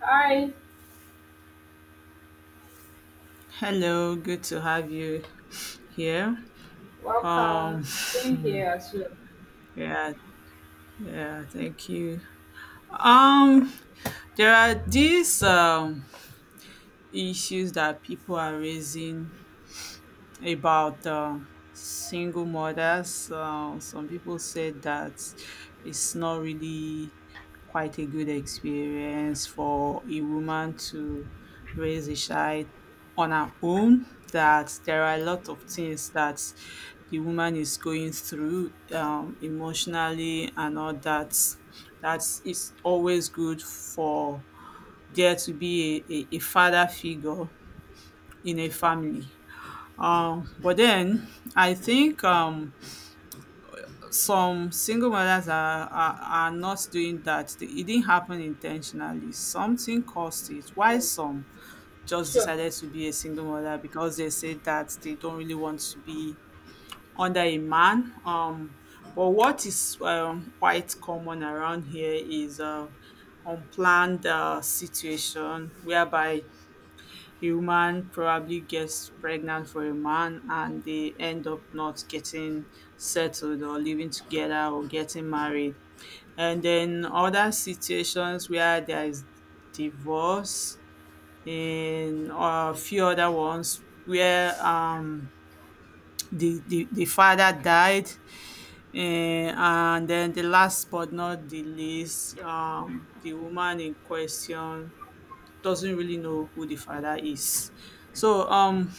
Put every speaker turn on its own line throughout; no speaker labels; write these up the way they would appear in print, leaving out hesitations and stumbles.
Hi,
Hello, good to have you here. Um,
welcome. Same here as well.
yeah, yeah, thank you. Um, there are these issues that people are raising about single mothers. Some people said that it's not really quite a good experience for a woman to raise a child on her own. That there are a lot of things that the woman is going through emotionally and all that. That it's always good for there to be a father figure in a family, but then I think some single mothers are not doing that. It didn't happen intentionally. Something caused it.
Yeah.
Why some just
Sure.
decided to be a single mother because they said that they don't really want to be under a man. But what is quite common around here is unplanned situation whereby human probably gets pregnant for a man and they end up not getting settled or living together or getting married. And then other situations where there is divorce and a few other ones where the father died, and then the last but not the least, the woman in question doesn't really know who the father is. So,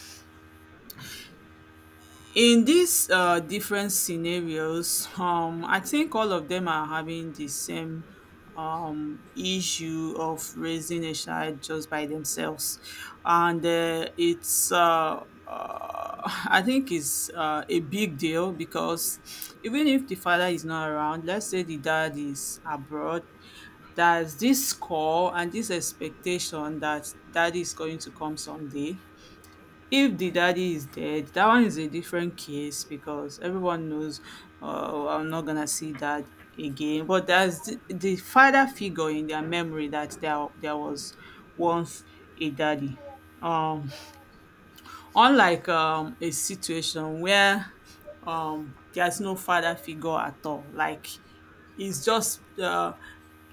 in these different scenarios, I think all of them are having the same issue of raising a child just by themselves, and it's. I think it's a big deal because even if the father is not around, let's say the dad is abroad, there's this call and this expectation that daddy is going to come someday. If the daddy is dead, that one is a different case because everyone knows, "Oh, I'm not gonna see dad again." But there's the father figure in their memory that there was once a daddy. Um, Unlike a situation where there's no father figure at all, like it's just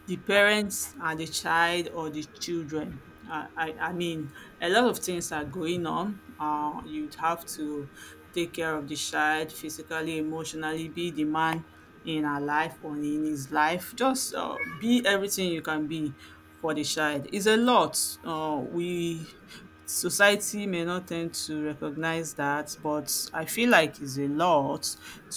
the parents and the child or the children. I mean, a lot of things are going on. You'd have to take care of the child physically, emotionally, be the man in her life or in his life. Just be everything you can be for the child. It's a lot. We Society may not tend to recognize that, but I feel like it's a lot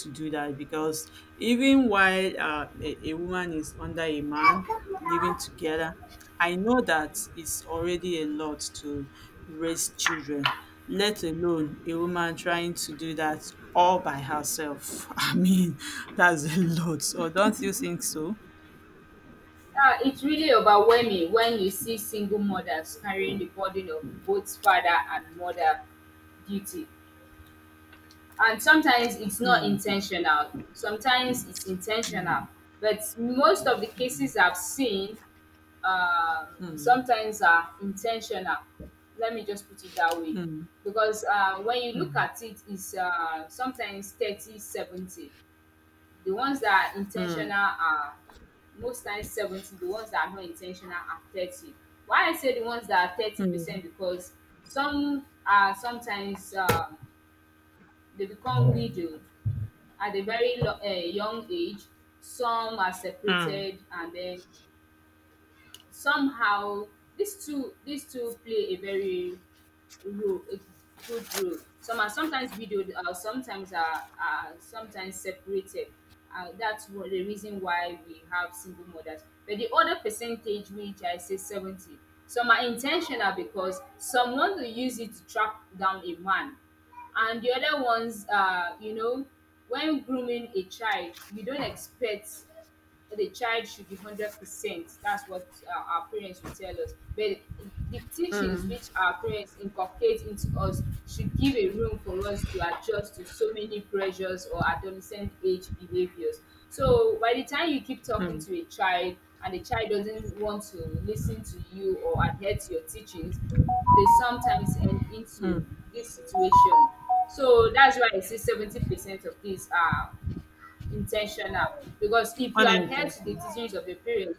to do that because even while a woman is under a man living together, I know that it's already a lot to raise children, let alone a woman trying to do that all by herself. I mean, that's a lot. Or don't you think so?
It's really overwhelming when you see single mothers carrying the burden of both father and mother duty. And sometimes it's not intentional, sometimes it's intentional. But most of the cases I've seen, um, sometimes are intentional. Let me just put it that way. Because when you look at it, it's sometimes 30 70. The ones that are intentional are most times 70, the ones that are not intentional are 30. Why I say the ones that are 30%, because some are sometimes they become widowed at a very young age, some are separated, and then somehow these two play a very role a good role. Some are sometimes widowed, sometimes are sometimes separated. That's what the reason why we have single mothers. But the other percentage, which I say 70, some are intentional because some want to use it to track down a man. And the other ones, you know, when grooming a child, you don't expect that the child should be 100%. That's what our parents will tell us. But the teachings which our parents inculcate into us should give a room for us to adjust to so many pressures or adolescent age behaviors. So by the time you keep talking to a child and the child doesn't want to listen to you or adhere to your teachings, they sometimes end into this situation. So that's why I say 70% of these are intentional. Because if you adhere to the
Unintentional.
teachings of your parents,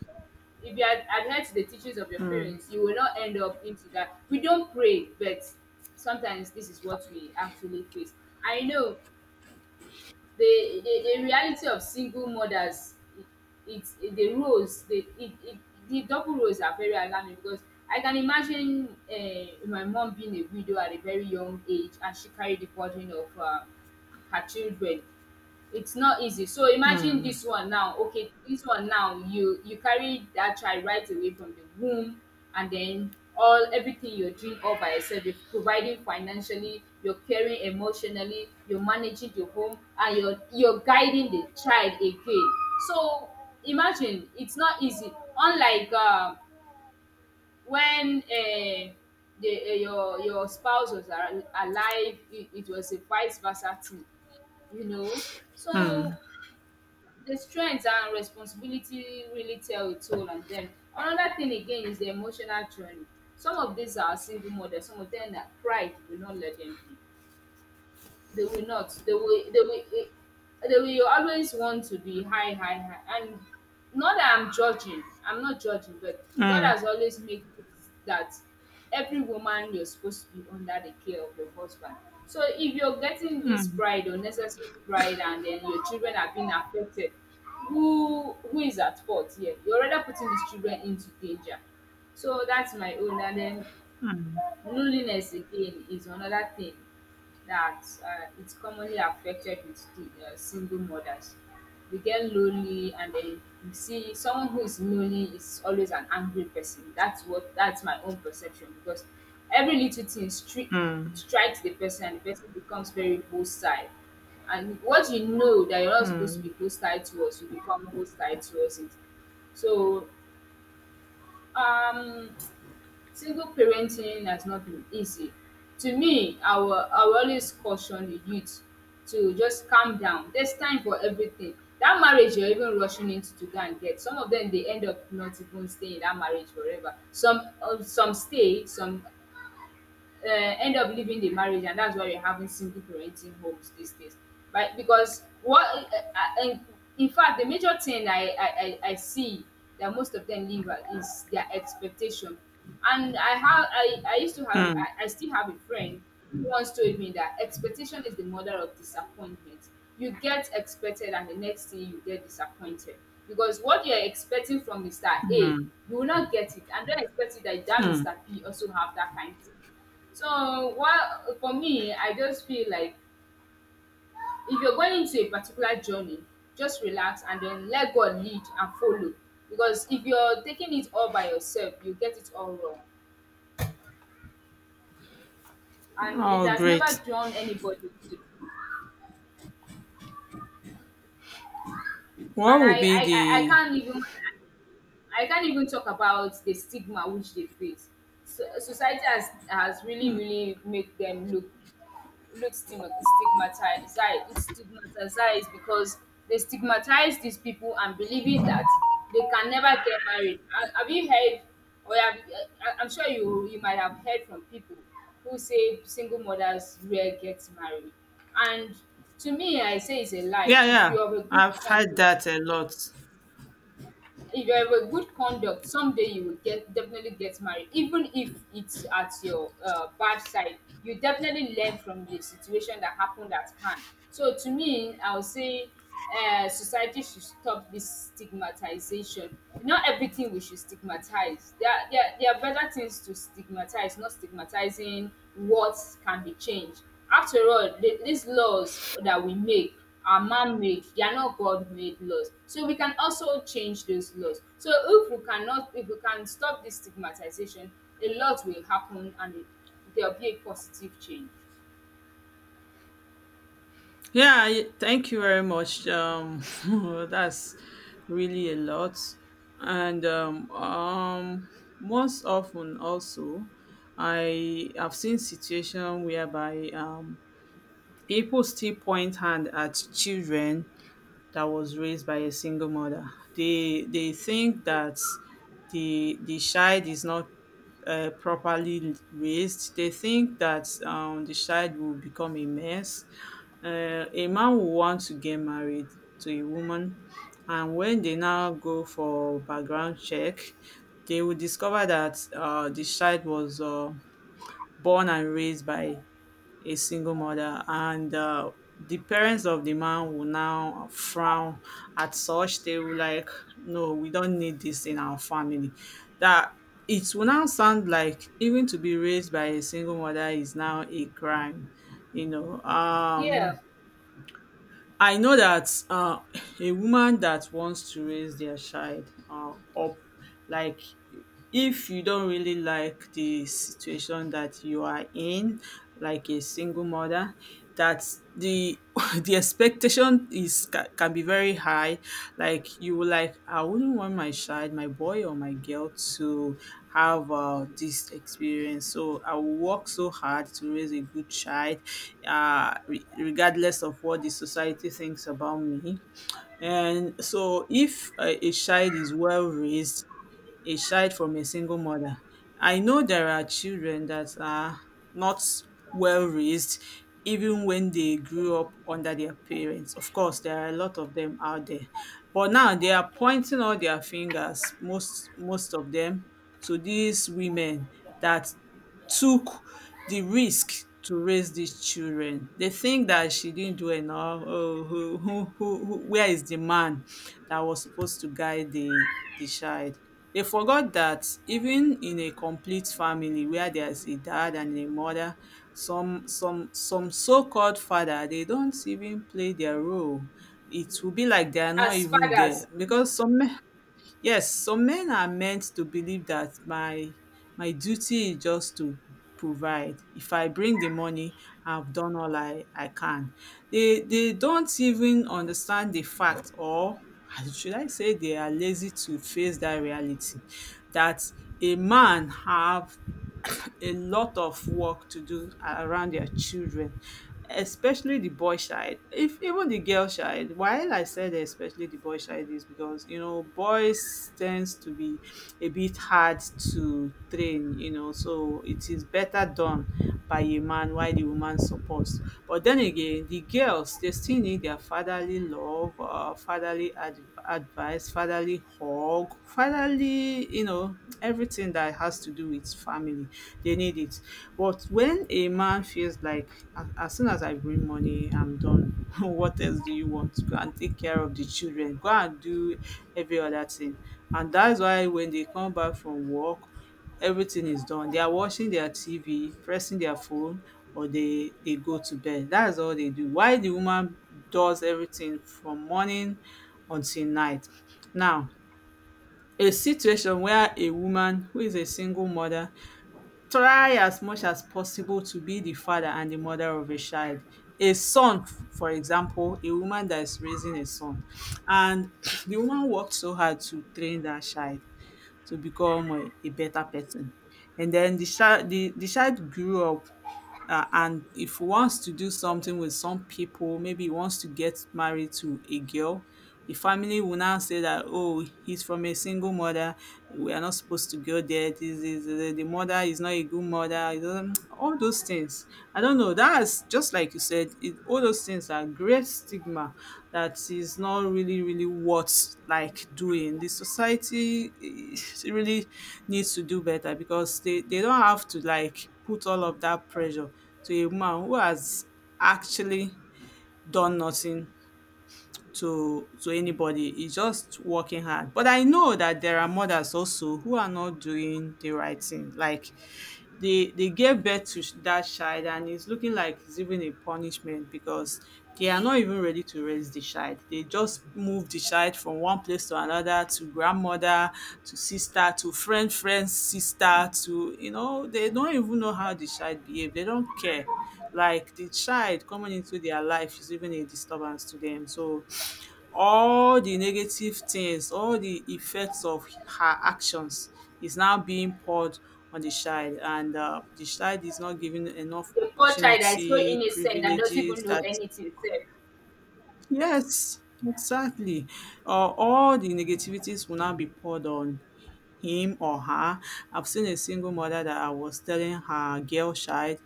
if you adhere to the teachings of your parents, you will not end up into that. We don't pray, but sometimes this is what we actually face. I know the reality of single mothers. It, it's the roles, the it, it, the double roles are very alarming, because I can imagine my mom being a widow at a very young age, and she carried the burden of. Her children. It's not easy. So imagine this one now. Okay, this one now, you carry that child right away from the womb, and then all everything you're doing all by yourself. You're providing financially, you're caring emotionally, you're managing the home, and you're guiding the child again. So imagine, it's not easy. Unlike when the your spouse was alive, it was a vice versa thing, you know. So the strength and responsibility really tell a toll on them. Another thing again is the emotional journey. Some of these are single mothers, some of them are, pride will not let them be. They will not they will they will, they will always want to be high. And not that I'm judging, I'm not judging, but God has always made it that every woman, you're supposed to be under the care of your husband. So if you're getting this pride, unnecessary pride, and then your children are being affected, who is at fault here? You're already putting these children into danger. So that's my own. And then loneliness again is another thing that, it's commonly affected with the, single mothers. They get lonely, and then you see someone who is lonely is always an angry person. That's my own perception. Because every little thing strikes the person, and the person becomes very hostile. And what you know that you're not supposed to be hostile towards, you become hostile towards it. So um single parenting has not been easy. To me, I will always caution the youth to just calm down. There's time for everything. That marriage you're even rushing into to go and get, some of them they end up not even staying in that marriage forever. Some, some stay, some end up leaving the marriage. And that's why we're having single parenting homes these days, right? Because what, in fact, the major thing I see that most of them leave, is their expectation. And I have I used to have I still have a friend who once told me that expectation is the mother of disappointment. You get expected, and the next thing you get disappointed. Because what you're expecting from Mr. A, you will not get it. And don't expect it that that Mr. P also have that kind thing. So, what, for me, I just feel like, if you're going into a particular journey, just relax and then let God lead and follow. Because if you're taking it all by yourself, you get it all wrong. And it
Oh,
has
great.
never drawn anybody good.
What
And I,
would be
I, I I
the
can't even, I can't even talk about the stigma which they face. So, society has really, really made them look, look stigmatized. It's stigmatized because they stigmatize these people and believing that they can never get married. Have you heard, or have, I- I'm sure you, you might have heard from people who say single mothers rare get married. And to me, I say it's a lie.
Yeah,
If
yeah.
you have a good
I've had
contract,
that a lot.
if you have a good conduct, someday you will, get definitely get married. Even if it's at your bad side, you definitely learn from the situation that happened at hand. So to me, I'll say, society should stop this stigmatization. Not everything we should stigmatize. There are better things to stigmatize, not stigmatizing what can be changed. After all, these laws that we make are man made, they are not God made laws. So we can also change those laws. So if we cannot if we can stop this stigmatization, a lot will happen, and there'll be a positive change.
Yeah, thank you very much. That's really a lot. And most often also, I have seen situation whereby people still point hand at children that was raised by a single mother. They think that the child is not properly raised, they think that the child will become a mess. A man will want to get married to a woman, and when they now go for background check, they will discover that the child was born and raised by a single mother, and the parents of the man will now frown at such. They will like, no, we don't need this in our family. That it will now sound like even to be raised by a single mother is now a crime. You know,
Yeah.
I know that a woman that wants to raise their child up, like if you don't really like the situation that you are in, like a single mother, that's the the expectation is can be very high. Like you will like, I wouldn't want my child, my boy or my girl to have this experience. So I will work so hard to raise a good child, regardless of what the society thinks about me. And so, if a child is well raised, a child from a single mother. I know there are children that are not well raised even when they grew up under their parents. Of course, there are a lot of them out there. But now they are pointing all their fingers, most of them, to these women that took the risk to raise these children. They think that she didn't do enough. Oh, who, where is the man that was supposed to guide the child? They forgot that even in a complete family where there's a dad and a mother, some so-called father, they don't even play their role. It will be like they are not
As
even there
fathers.
because some Yes, some men are meant to believe that my duty is just to provide. If I bring the money, I've done all I can. They don't even understand the fact or should I say they are lazy to face that reality that a man have a lot of work to do around their children, especially the boy child, if even the girl child. While I said especially the boy child is because, you know, boys tends to be a bit hard to train, you know, so it is better done by a man while the woman supports. But then again, the girls they still need their fatherly love, fatherly advice, fatherly hug, fatherly, you know, everything that has to do with family. They need it. But when a man feels like as soon as I bring money, I'm done. what else do you want? Go and take care of the children. Go and do every other thing. And that's why when they come back from work, everything is done. They are watching their TV, pressing their phone, or they go to bed. That's all they do. Why the woman does everything from morning until night. Now, a situation where a woman who is a single mother try as much as possible to be the father and the mother of a child. A son, for example, a woman that is raising a son, and the woman worked so hard to train that child to become a better person. And then the child grew up, and if he wants to do something with some people, maybe he wants to get married to a girl, the family will now say that, oh, he's from a single mother. We are not supposed to go there. This is the mother is not a good mother. It doesn't- All those things. I don't know. That's just like you said, all those things are great stigma that is not really, really worth like doing. The society, really needs to do better because they don't have to like put all of that pressure to a man who has actually done nothing to anybody. He's just working hard. But I know that there are mothers also who are not doing the right thing. Like they gave birth to that child and it's looking like it's even a punishment because they are not even ready to raise the child. They just move the child from one place to another, to grandmother, to sister, to friend's sister, they don't even know how the child behave. They don't care. Like the child coming into their life is even a disturbance to them. So all the negative things, all the effects of her actions is now being poured on the child, and the child is not given enough
The poor child that is so
opportunity,
innocent, that doesn't even
privileges
know
that
anything sef.
yes, exactly. All the negativities will now be poured on him or her. I've seen a single mother that I was telling her girl child,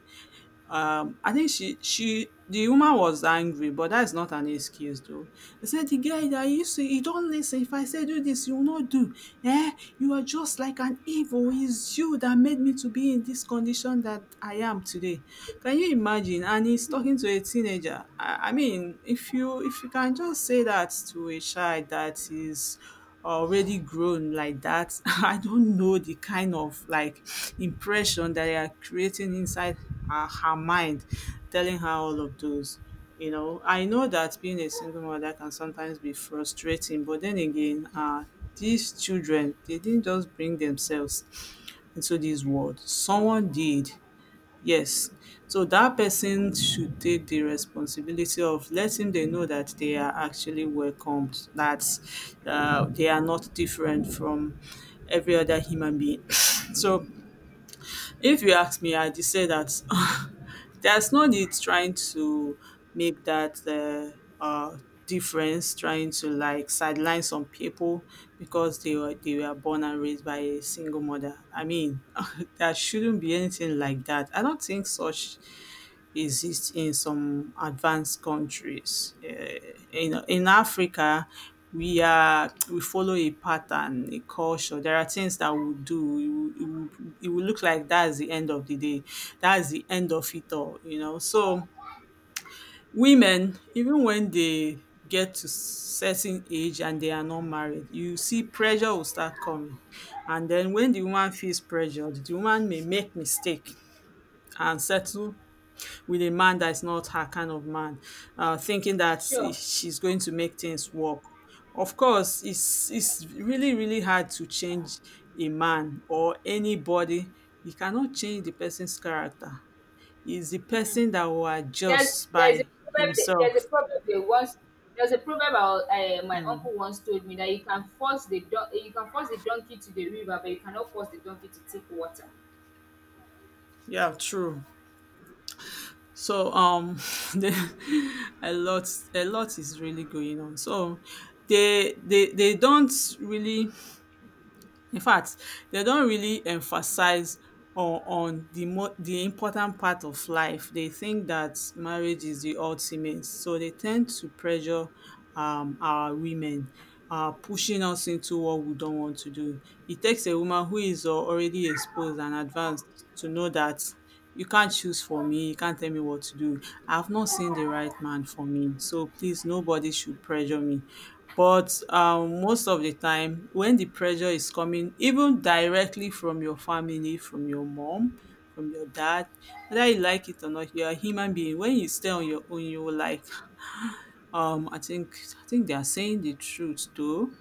I think she the woman was angry, but that's not an excuse though. They said, "The guy that you see, you don't listen. If I say do this, you will not do." eh you are just like an evil, it's you that made me to be in this condition that I am today. Can you imagine? And he's talking to a teenager. I mean, if you can just say that to a child that is already grown like that, I don't know the kind of like impression that they are creating inside her mind, telling her all of those. You know, I know that being a single mother can sometimes be frustrating, but then again, these children, they didn't just bring themselves into this world. Someone did. Yes. So that person should take the responsibility of letting them know that they are actually welcomed, that they are not different from every other human being. So if you ask me, I just say that there's no need trying to make that difference, trying to like sideline some people because they were born and raised by a single mother. I mean, there shouldn't be anything like that. I don't think such exist in some advanced countries. In Africa, we follow a pattern, a culture. There are things that we do. It will look like that's the end of the day. That's the end of it all, you know. So women, even when they get to certain age and they are not married, you see pressure will start coming. And then when the woman feels pressured, the woman may make mistake and settle with a man that's not her kind of man, thinking that
Sure.
she's going to make things work. Of course, it's really really hard to change a man or anybody. You cannot change the person's character. It's the person that will adjust
There's a
by
proverb that- there's a
himself.
proverb they once there's a proverb our my uncle once told me, that you can force the don you can force the donkey to the river, but you cannot force the donkey to take water.
Yeah, true. So the, a lot a lot is really going on. So they don't really In fact, they don't really emphasize on the important part of life. They think that marriage is the ultimate, so they tend to pressure our women, pushing us into what we don't want to do. It takes a woman who is already exposed and advanced to know that you can't choose for me. You can't tell me what to do. I've not seen the right man for me, so please, nobody should pressure me. But most of the time, when the pressure is coming, even directly from your family, from your mom, from your dad, whether you like it or not, you're a human being. When you stay on your own, you will like, um, I think, I think they are saying the truth though.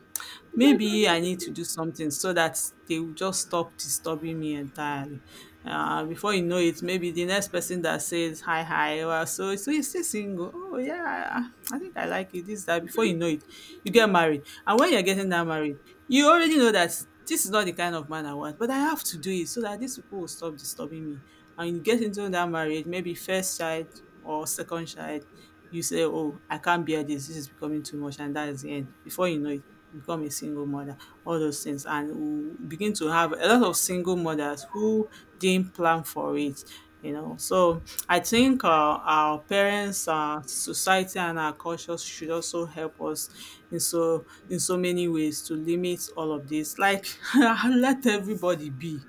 Maybe I need to do something so that they will just stop disturbing me entirely. Before you know it, maybe the next person that says hi, hi, well, so so you're still single. Oh yeah, I think I like it. This that. Before you know it, you get married, and when you're getting that married, you already know that this is not the kind of man I want, but I have to do it so that these people will stop disturbing me and you get into that marriage, maybe first child or second child, you say, oh, I can't bear this, this is becoming too much, and that is the end. Before you know it, you become a single mother, all those things. And we begin to have a lot of single mothers who didn't plan for it. You know, so I think our parents, our society, and our culture should also help us in so many ways to limit all of this. Like, let everybody be,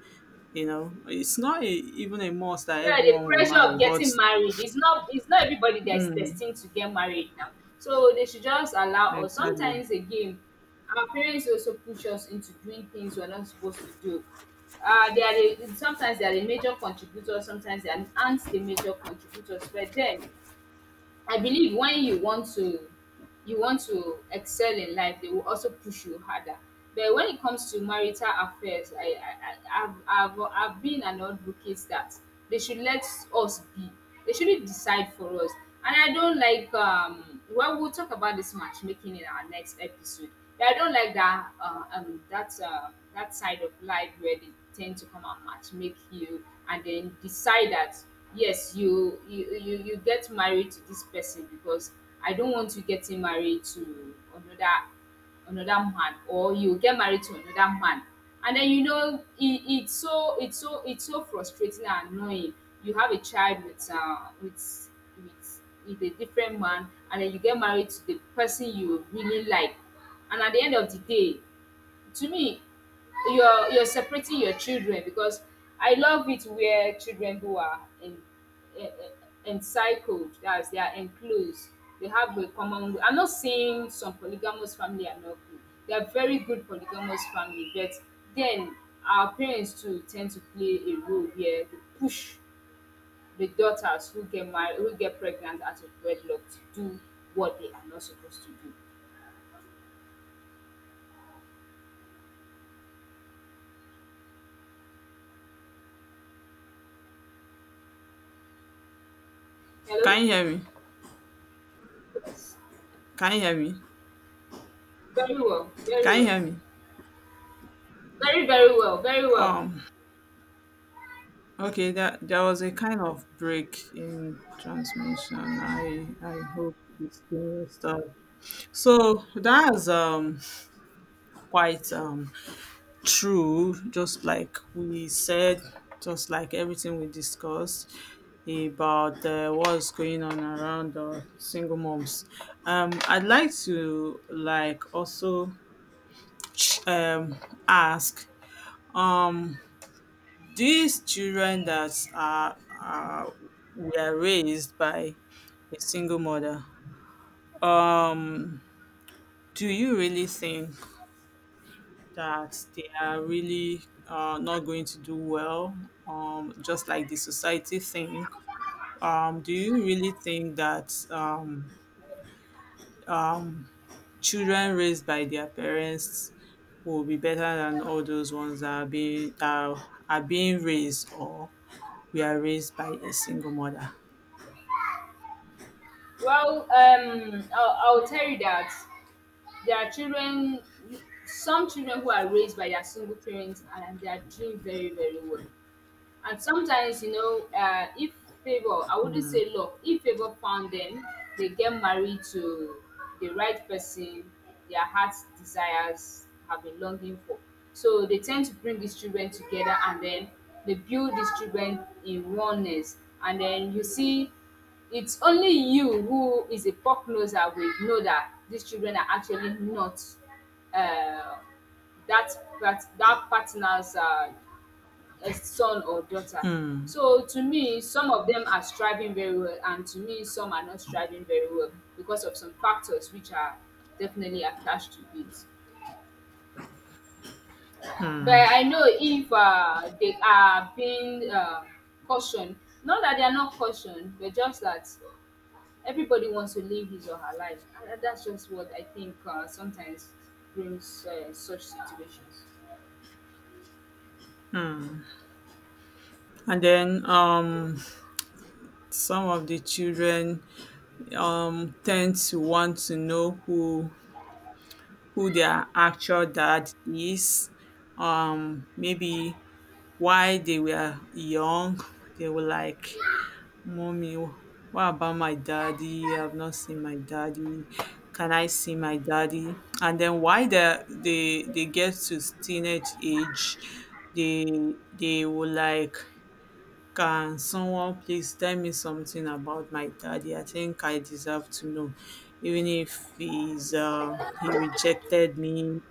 you know, it's not a, even a must that
Yeah, the
everyone will
pressure of
marry, but
getting married. It's not everybody that is destined to get married now. So they should just allow us.
exactly.
Sometimes again, our parents also push us into doing things we're not supposed to do. They are the, sometimes they are the major contributors, sometimes they aren't the major contributors. But then I believe when you want to excel in life, they will also push you harder. But when it comes to marital affairs, I I've been an advocate that they should let us be. They shouldn't decide for us. And I don't like, well, we'll talk about this matchmaking in our next episode. But I don't like that, that side of life where they tend to come and matchmake you, and then decide that, yes, you get married to this person because I don't want you getting married to another, another man, or you get married to another man. And then you know, it's so frustrating and annoying. You have a child with with with a different man, and then you get married to the person you really like. And at the end of the day, to me, you're separating your children. Because I love it where children who are encircled, that's, they are enclosed. They have a common. I'm not saying some polygamous family are not good. They are very good polygamous family. But then, our parents too tend to play a role here, to push the daughters who get married, who get pregnant out of wedlock, to do what they are not supposed to do. Hello.
Can you hear me?
Yes.
Can you hear me?
Very well. Very
Can you
well.
hear me?
Very, very well, very well.
Um. Okay. That there was a kind of break in transmission. I hope it's still stuff. So that's quite true, just like we said, just like everything we discussed about what's going on around single moms. I'd like to like also um ask um these children that are were raised by a single mother. Um, do you really think that they are really not going to do well? Just like the society think, do you really think that children raised by their parents will be better than all those ones that are being raised or we are raised by a single mother?
Well, I'll tell you that there are children, some children who are raised by their single parents and they are doing very, very well. And sometimes you know, if favor, I wouldn't say luck, if favor found them, they get married to the right person, their heart's desires have been longing for. So they tend to bring these children together, and then they build these children in oneness. And then you see, it's only you who is a pop noser will know that these children are actually not, uh, that that partner's a son or daughter. So to me, some of them are striving very well, and to me, some are not striving very well because of some factors which are definitely attached to it. But I know if they are being cautioned, not that they are not cautioned, but just that everybody wants to live his or her life. And that's just what I think sometimes brings such situations.
And then some of the children tend to want to know who their actual dad is. Maybe why they were young, they were like, mommy, what about my daddy? I've not seen my daddy. Can I see my daddy? And then why they get to teenage age, they will like, can someone please tell me something about my daddy? I think I deserve to know, even if he's he rejected me,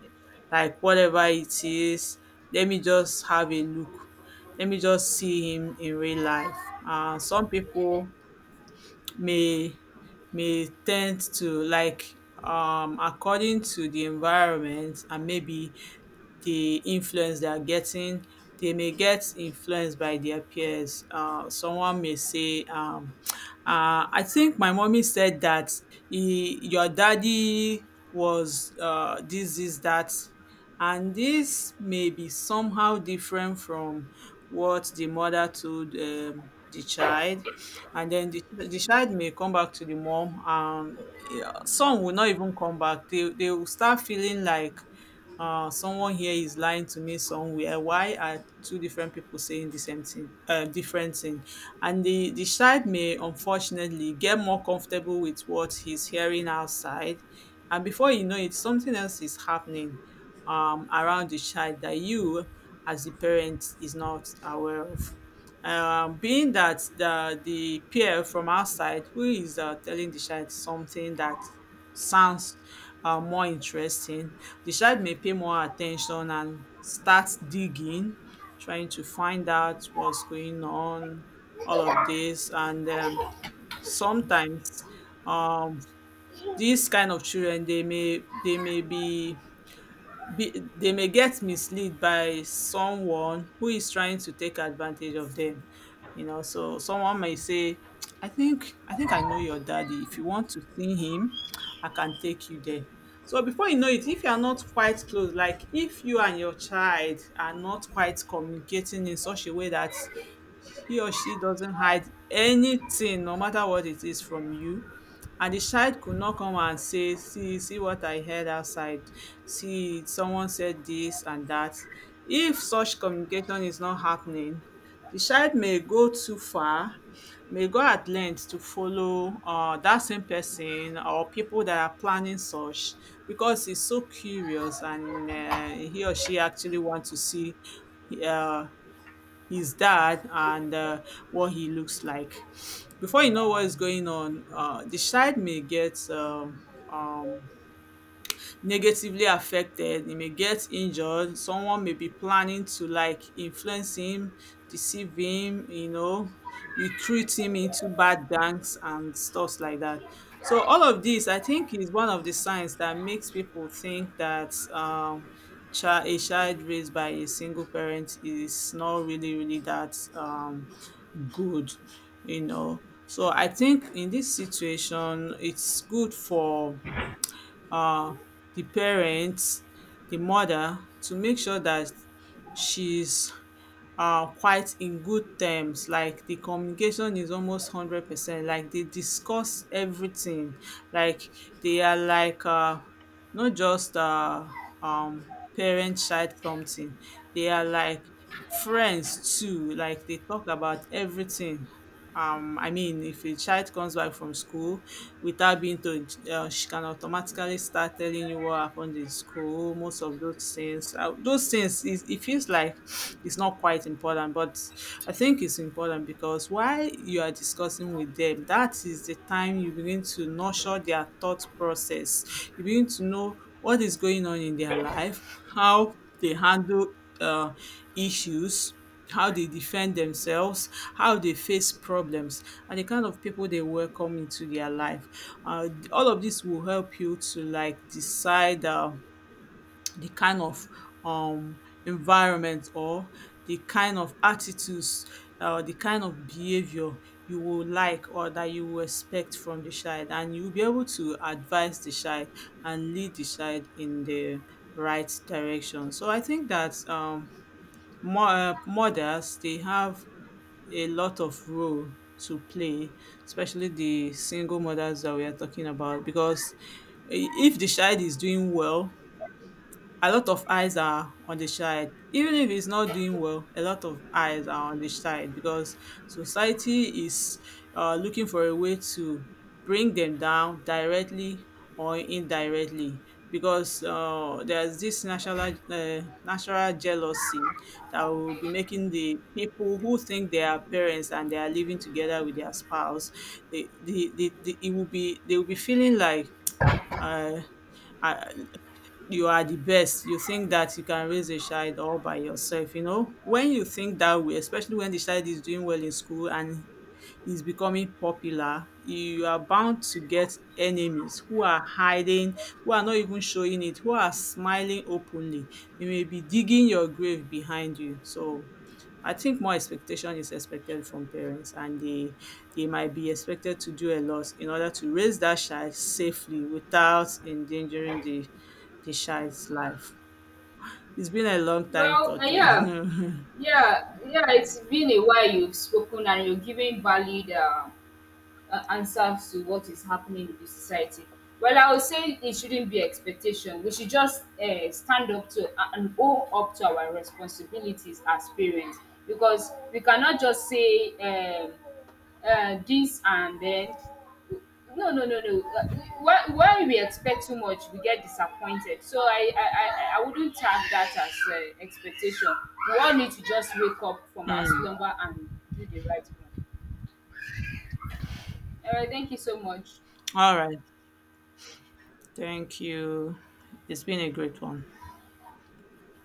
like whatever it is. Let me just have a look, let me just see him in real life. Some people may may tend to like, according to the environment and maybe the influence they are getting. They may get influenced by their peers. Someone may say, I think my mommy said that he, your daddy was this, this, that. And this may be somehow different from what the mother told the child. And then the child may come back to the mom, and eh, some will not even come back. They will start feeling like someone here is lying to me somewhere. Why are two different people saying the same thing, different thing? And the child may unfortunately get more comfortable with what he's hearing outside. And before you know it, something else is happening around the child that you, as the parent, is not aware of. Being that the peer from outside who is telling the child something that sounds more interesting. The child may pay more attention and start digging, trying to find out what's going on, all of this. And sometimes um, these kind of children, they may get misled by someone who is trying to take advantage of them, you know. So someone may say, I think I know your daddy. If you want to see him, I can take you there. So before you know it, if you are not quite close, like if you and your child are not quite communicating in such a way that he or she doesn't hide anything no matter what it is from you, and the child could not come and say, see what I heard outside, see someone said this and that. If such communication is not happening, the child may go too far, may go at length to follow that same person or people that are planning such because he's so curious and he or she actually wants to see uh, his dad and what he looks like. Before you know what is going on, the child may get um, negatively affected, he may get injured, someone may be planning to like influence him, deceive him, you know, recruit him into bad gangs and stuffs like that. So all of this, I think, is one of the signs that makes people think that a child raised by a single parent is not really, really that good, you know. So I think in this situation, it's good for uh, the parents, the mother to make sure that she's quite in good terms. Like the communication is almost 100%. Like they discuss everything. Like they are like not just parent child something, they are like friends too. Like they talk about everything. I mean, if a child comes back from school without being told, she can automatically start telling you what happened in school. Most of those things, those things is, it feels like it's not quite important, but I think it's important because while you are discussing with them, that is the time you begin to nurture their thought process. You begin to know what is going on in their life, how they handle uh, issues, how they defend themselves, how they face problems, and the kind of people they welcome into their life. All of this will help you to like decide the kind of um, environment or the kind of attitudes, the kind of behavior you will like or that you will expect from the child, and you'll be able to advise the child and lead the child in the right direction. So I think that Mo mothers they have a lot of role to play, especially the single mothers that we are talking about because if the child is doing well, a lot of eyes are on the child. Even if he's not doing well, a lot of eyes are on the child because society is looking for a way to bring them down directly or indirectly because there's this national natural jealousy that will be making the people who think they are parents and they are living together with their spouse, they will be feeling like uh, uh, you are the best. You think that you can raise a child all by yourself, you know. When you think that way, especially when the child is doing well in school and is becoming popular, you are bound to get enemies who are hiding, who are not even showing it, who are smiling openly. They may be digging your grave behind you. So I think more expectation is expected from parents and they might be expected to do a lot in order to raise that child safely without endangering the child's life. It's been a long time
Well,
talking.
yeah, yeah. It's been a while you've spoken, and you're giving valid answers to what is happening in the society. Well, I would say it shouldn't be expectation. We should just stand up to, and own up to our responsibilities as parents. Because we cannot just say, this, and then no no no no. When we expect too much, we get disappointed. So I wouldn't tag that as expectation. We all need to just wake up from our
Mm.
slumber and do the right one. All right, thank you so much.
All right. Thank you. It's been a great one.